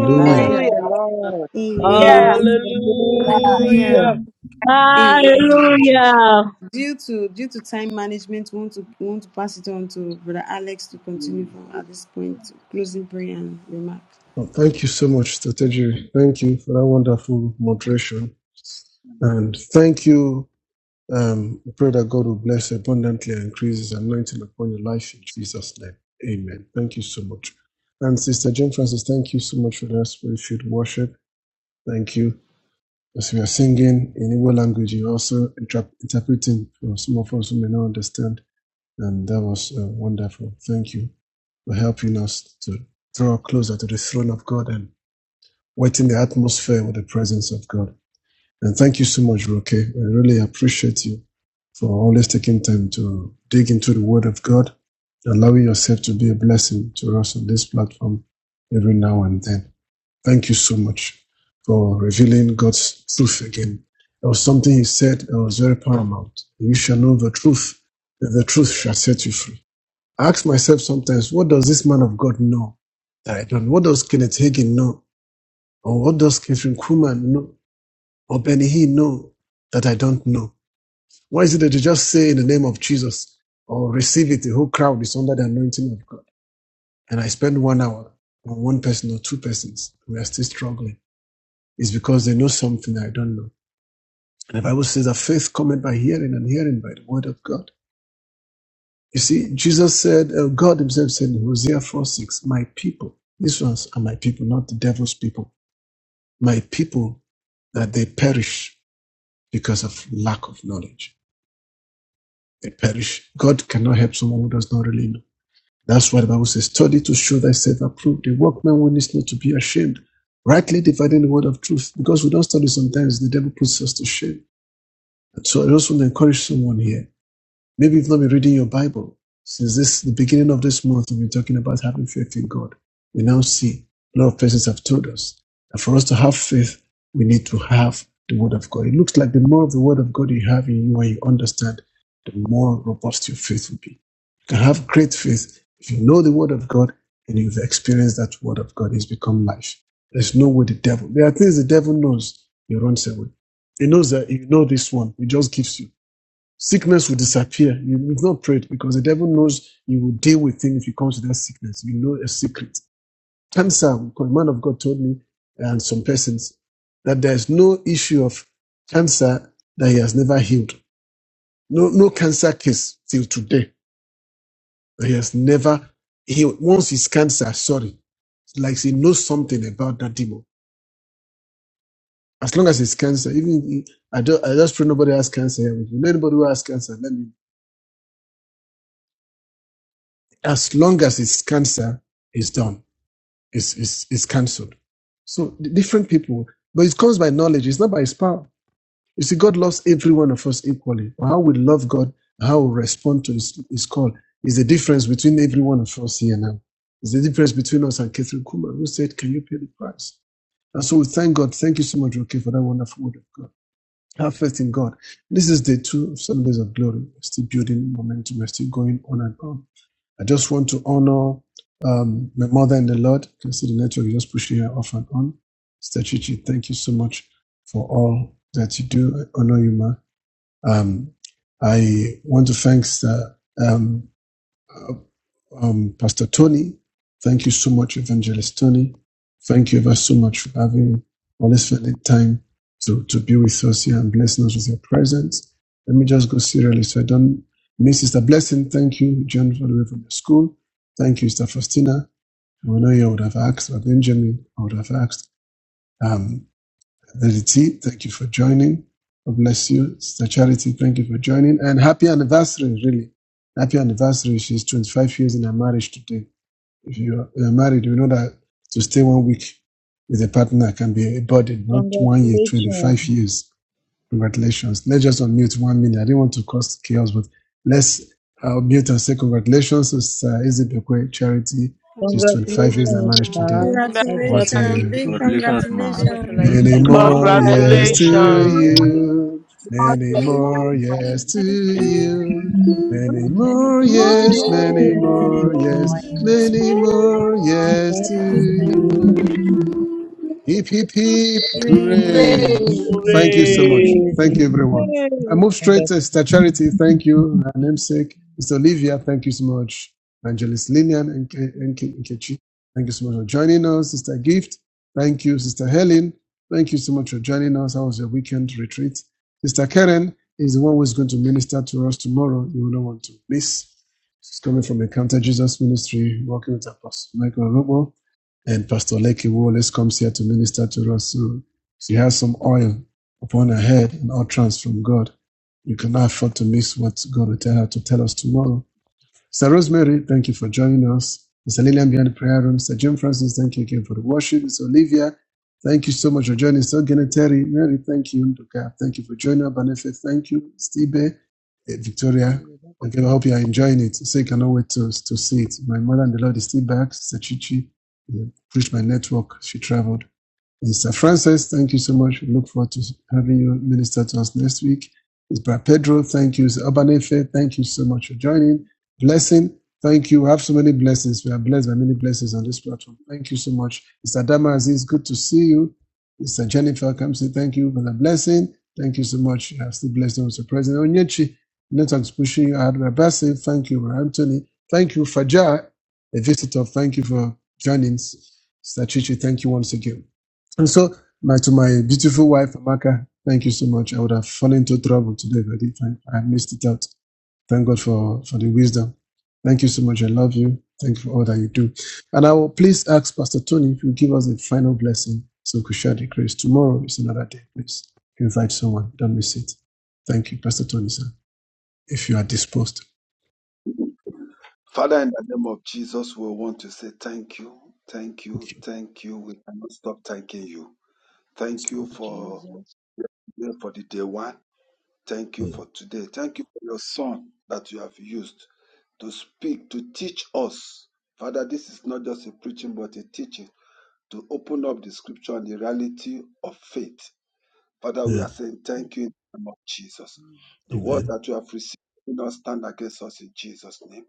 Amen. Amen. Praise Hallelujah. the Lord. Amen. Amen. Hallelujah. Praise the Lord. Hallelujah. Hallelujah. Yes, Amen. Lord. Hallelujah. Due to due to time management, we want to we want to pass it on to Brother Alex to continue from at this point, closing prayer and remark. Well, thank you so much, Strategy. Thank you for that wonderful moderation. And thank you. Um, I pray that God will bless abundantly and increase his anointing upon your life in Jesus' name. Amen. Thank you so much. And Sister Jane Francis, thank you so much for that spirit filled worship. Thank you. As we are singing in Igbo language, you're also inter- interpreting for some of us who may not understand. And that was uh, wonderful. Thank you for helping us to draw closer to the throne of God and wetting the atmosphere with the presence of God. And thank you so much, Roke. I really appreciate you for always taking time to dig into the Word of God, allowing yourself to be a blessing to us on this platform every now and then. Thank you so much for revealing God's truth again. There was something He said that was very paramount. You shall know the truth, and the truth shall set you free. I ask myself sometimes, what does this man of God know that I don't? What does Kenneth Hagin know or what does Catherine Kuhlman know? Or Benny Hinn know that I don't know? Why is it that you just say in the name of Jesus or receive it? The whole crowd is under the anointing of God. And I spend one hour on one person or two persons. We are still struggling. It's because they know something I don't know. And the Bible says that faith cometh by hearing and hearing by the word of God. You see, Jesus said, uh, God himself said in Hosea 4 6, my people, these ones are my people, not the devil's people. My people that they perish because of lack of knowledge. They perish. God cannot help someone who does not really know. That's why the Bible says, study to show thyself approved. The workman will needs not to be ashamed. Rightly dividing the word of truth. Because we don't study sometimes, the devil puts us to shame. And so I just want to encourage someone here Maybe you've not been reading your Bible. Since this the beginning of this month, we've been talking about having faith in God. We now see a lot of places have told us that for us to have faith, we need to have the Word of God. It looks like the more of the Word of God you have in you and you understand, the more robust your faith will be. You can have great faith if you know the Word of God and you've experienced that Word of God. It's become life. There's no way the devil. There are things the devil knows. He runs away. He knows that if you know this one, he just gives you. Sickness will disappear. You, you've not prayed because the devil knows you will deal with him if you come to that sickness. You know a secret. Cancer, because man of God told me and some persons that there's no issue of cancer that he has never healed. No, no cancer case till today that he has never healed. Once it's cancer, sorry, it's like he knows something about that demon. As long as it's cancer, even if- I, do, not I just pray nobody has cancer. here. If you anybody who has cancer, let me. As long as it's cancer, it's done is is is cancelled. So different people, but it comes by knowledge. It's not by his power. You see, God loves every one of us equally. How we love God, how we respond to His, his call, is the difference between every one of us here now. It's the difference between us and Catherine Kuma, who said, "Can you pay the price?" And so we thank God. Thank you so much, Rocky, for that wonderful word of God. Have faith in God. This is day two of Sundays of Glory. We're still building momentum. We're still going on and on. I just want to honor um, my mother in the Lord. You can see the network just pushing her off and on. Sister Chichi, thank you so much for all that you do. I honor you, ma. Um, I want to thank Sister, um, um, Pastor Tony. Thank you so much, Evangelist Tony. Thank you ever so much for having always finding time to, to be with us here and blessing us with your presence. Let me just go serially so I don't miss Sister Blessing. Thank you, John, all the way from the school. Thank you, Sister Faustina. I know you would have asked, or Benjamin, I would have asked. Um, Lady T, thank you for joining. God bless you. Sister Charity, thank you for joining. And happy anniversary, really. Happy anniversary. She's 25 years in her marriage today. If you are married, you know that to stay one week with a partner can be a burden, not one year, Congratulations. 25 years. Congratulations. Let's just unmute one minute. I didn't want to cause chaos, but let's uh, unmute and say congratulations. It's uh, Izzy Bekwe Charity. She's 25 years Congratulations, and Congratulations, marriage ma'am. today. Ma. for And I I tap What bless Congratulations, blessings. a big into Congratulations, ma. you. congratulations Mm, Many God, Amen. Congratulations. more congratulations. to bless yes God to bless Congratulations. you. you. Many Mama, more God, yes to it's you. you. Many bless and more good yes. yes Oh, many yes. more yes. Spirit many more yes to Happy to you. to you. you. Heep, heep, heep. Hooray. Praise Thank you so God. much. Hooray. Thank you, anniversary. everyone. I move Amen. straight to Sister Charity. Thank you. Her namesake. Mr. Olivia, thank you so much. Evangelist Lillian and Ke- and Ke- Nkechi, thank you so much for joining us. Sister Hallelujah. Gift, thank you. Sister Helen, thank you so much for joining us. How was your weekend retreat? Sister Karen is the one who's going to minister to us tomorrow. You will not want to miss. She's coming from Encounter Jesus Ministry, working with Apostle Michael Robo. And Pastor Leki always comes here to minister to us. So she has some oil upon her head and utterance from God. You cannot afford to miss what God will tell her to tell us tomorrow. Sister Rosemary, thank you for joining us. Mr. Lillian behind the prayer room. Sister Jim Francis, thank you again for the worship. Mr. Olivia, thank you so much for joining. us. So Gene Mary, thank you. Nduka, thank you for joining. us. Banefe, thank you. Stibe, eh, Sing Victoria, it back on again, I hope me. you are enjoying it. So you cannot wait to, to see it. My mother and the Lord is still back. Sister Chichi, eh, reached my network. She traveled. Mr. Francis, thank you so much. We look forward to having you minister to us next week. Mr. Brad Pedro, Thank thank you. you, Mr. thank Obanefe, thank you so much for you, joining. Blessing, thank you. We have so many thank blessings. We are blessed by many blessings on you. this platform. Thank you so much. Mr. Adama Aziz, good to see you. Mr. Jennifer, come say thank you for the blessing. Thank you so much. You have still blessed us, Mr. President Onyechi. Network's pushing you out. Rabasi, thank you. Brother Anthony, thank you. Fajar, a visitor, thank you for joining. Mr. Chichi, thank you once again. And so, my, to my beautiful wife, Amaka, thank you so much. I would have fallen into trouble today if I didn't. Thank, I missed it out. Thank God for, for the wisdom. Thank you so much. I love you. Thank you for all that you do. And I will please ask Pastor Tony if you give us a final blessing so we could share the grace. Tomorrow is another day, please. Invite someone. Don't miss it. Thank you, Pastor Tony, sir, if you are disposed. Father, in the name of Jesus, we want to say thank you, thank Thank you, you. thank you. We cannot stop thanking you. Yes, Thank you Lord. for Jesus. yeah, for the day one. Thank you for today. Thank you for your son that you have used to speak, to teach us. Father, this is not just a preaching, but a teaching to open up the scripture and the reality of faith Father, we are Amen. saying thank you in the name of Jesus. Amen. The words Amen. that you have received do not stand against us in Jesus' name.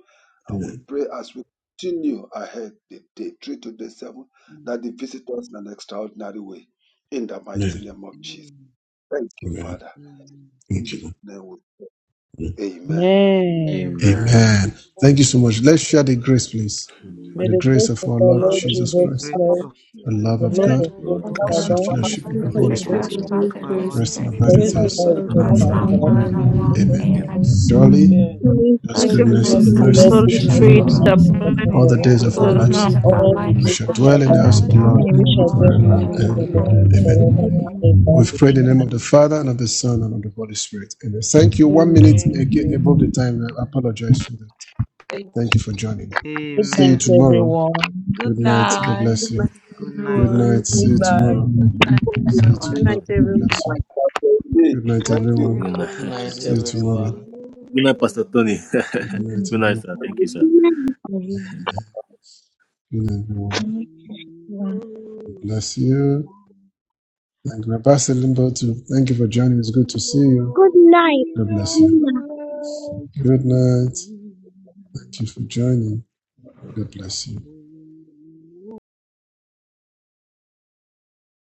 And we Amen. pray as we continue ahead the day three to day seven Amen. that they visit us in an extraordinary way. In the mighty Amen. name thank you, of thank Jesus. Thank you, Amen. Father. you. Amen. In Thank you. Jesus' Lord. name we- Amen. God. Amen. Amen. Amen. Amen. Thank you so much. Let's share the grace, please. Praise May The the Amen. grace grace of of our our Lord God, Lord And the Jesus Jesus Jesus The grace Beautiful of grace Christ, our Christ, Christ, Lord of the Jesus love the of things. Amen. Christ, love the God, of The love of God God, Of the the Lord God, sweet will God, Father, and go. the Thank fellowship and sweet and you, of the the the the sweet sweet Holy free fellowship fellowship of Spirit, the of fellowship cash Thank the fellowship of Holy the you, Holy pocket thank Holy our Spirit. Spirit. you was Lord. rest for and Spirit be the of abide thanks. God Holy Praise with with and us our the Maybe us God now those Lord And of not is now and that's what Christ, now forever. up now not forevermore. Spirit. for forever. the Thank forever. you. long Amen. Amen. Amen. Amen. amen. in Surely, Amen. To God's the God's God's His goodness Spirit God goodness goodness and put of goodness and and the the loneliness God and mercy mercy mercy Holy mercy and shall shall shall goodness shall follow vision. and Spirit follow information huh? us. us to follow mercy follow us us me. shall abide all in all follow us the the days of our days all God of the us put the our days now lives, Hallelujah, of life, our all the and hallelujah. we information. days lives, forevermore. shall of and we and we our dwell in shall I the will I dwell will house in of dwell the the in tell the house you Lord and of house we the Amen. of the shall Mm, be Lord, in the Lord that. forever and house forever and ever. the forever Amen. Lord mm. and ever. Forever Amen. and ever. forever ever. Amen. and ever. We've Amen. prayed in the name of the Amen. Father and of the Son and of the Holy Spirit. Amen. Thank you. One minute aga- above the Amen. time. I apologize for that. Thank Thank you for you. joining. Good See you night, Amen. tomorrow. everyone. Good Good night. God night. bless you. Good Good night. Good Everyone. night. night. See you Goodbye. tomorrow. Good night, See you Good everyone. tomorrow. night, God everyone. bless you. Good Good night, Thank night, you. everyone. Good night. Good everyone. God [laughs] night, See you bless you. everyone. tomorrow. Good night, Pastor Tony. Good [laughs] night, Good night, everyone. sir. Thank you, sir. Good night, everyone. God bless you. Thank you, Pastor Limbo, too. Thank you for joining. It's good to see you. Good God bless you. night. Good night. Thank you for joining. God bless you. [laughs]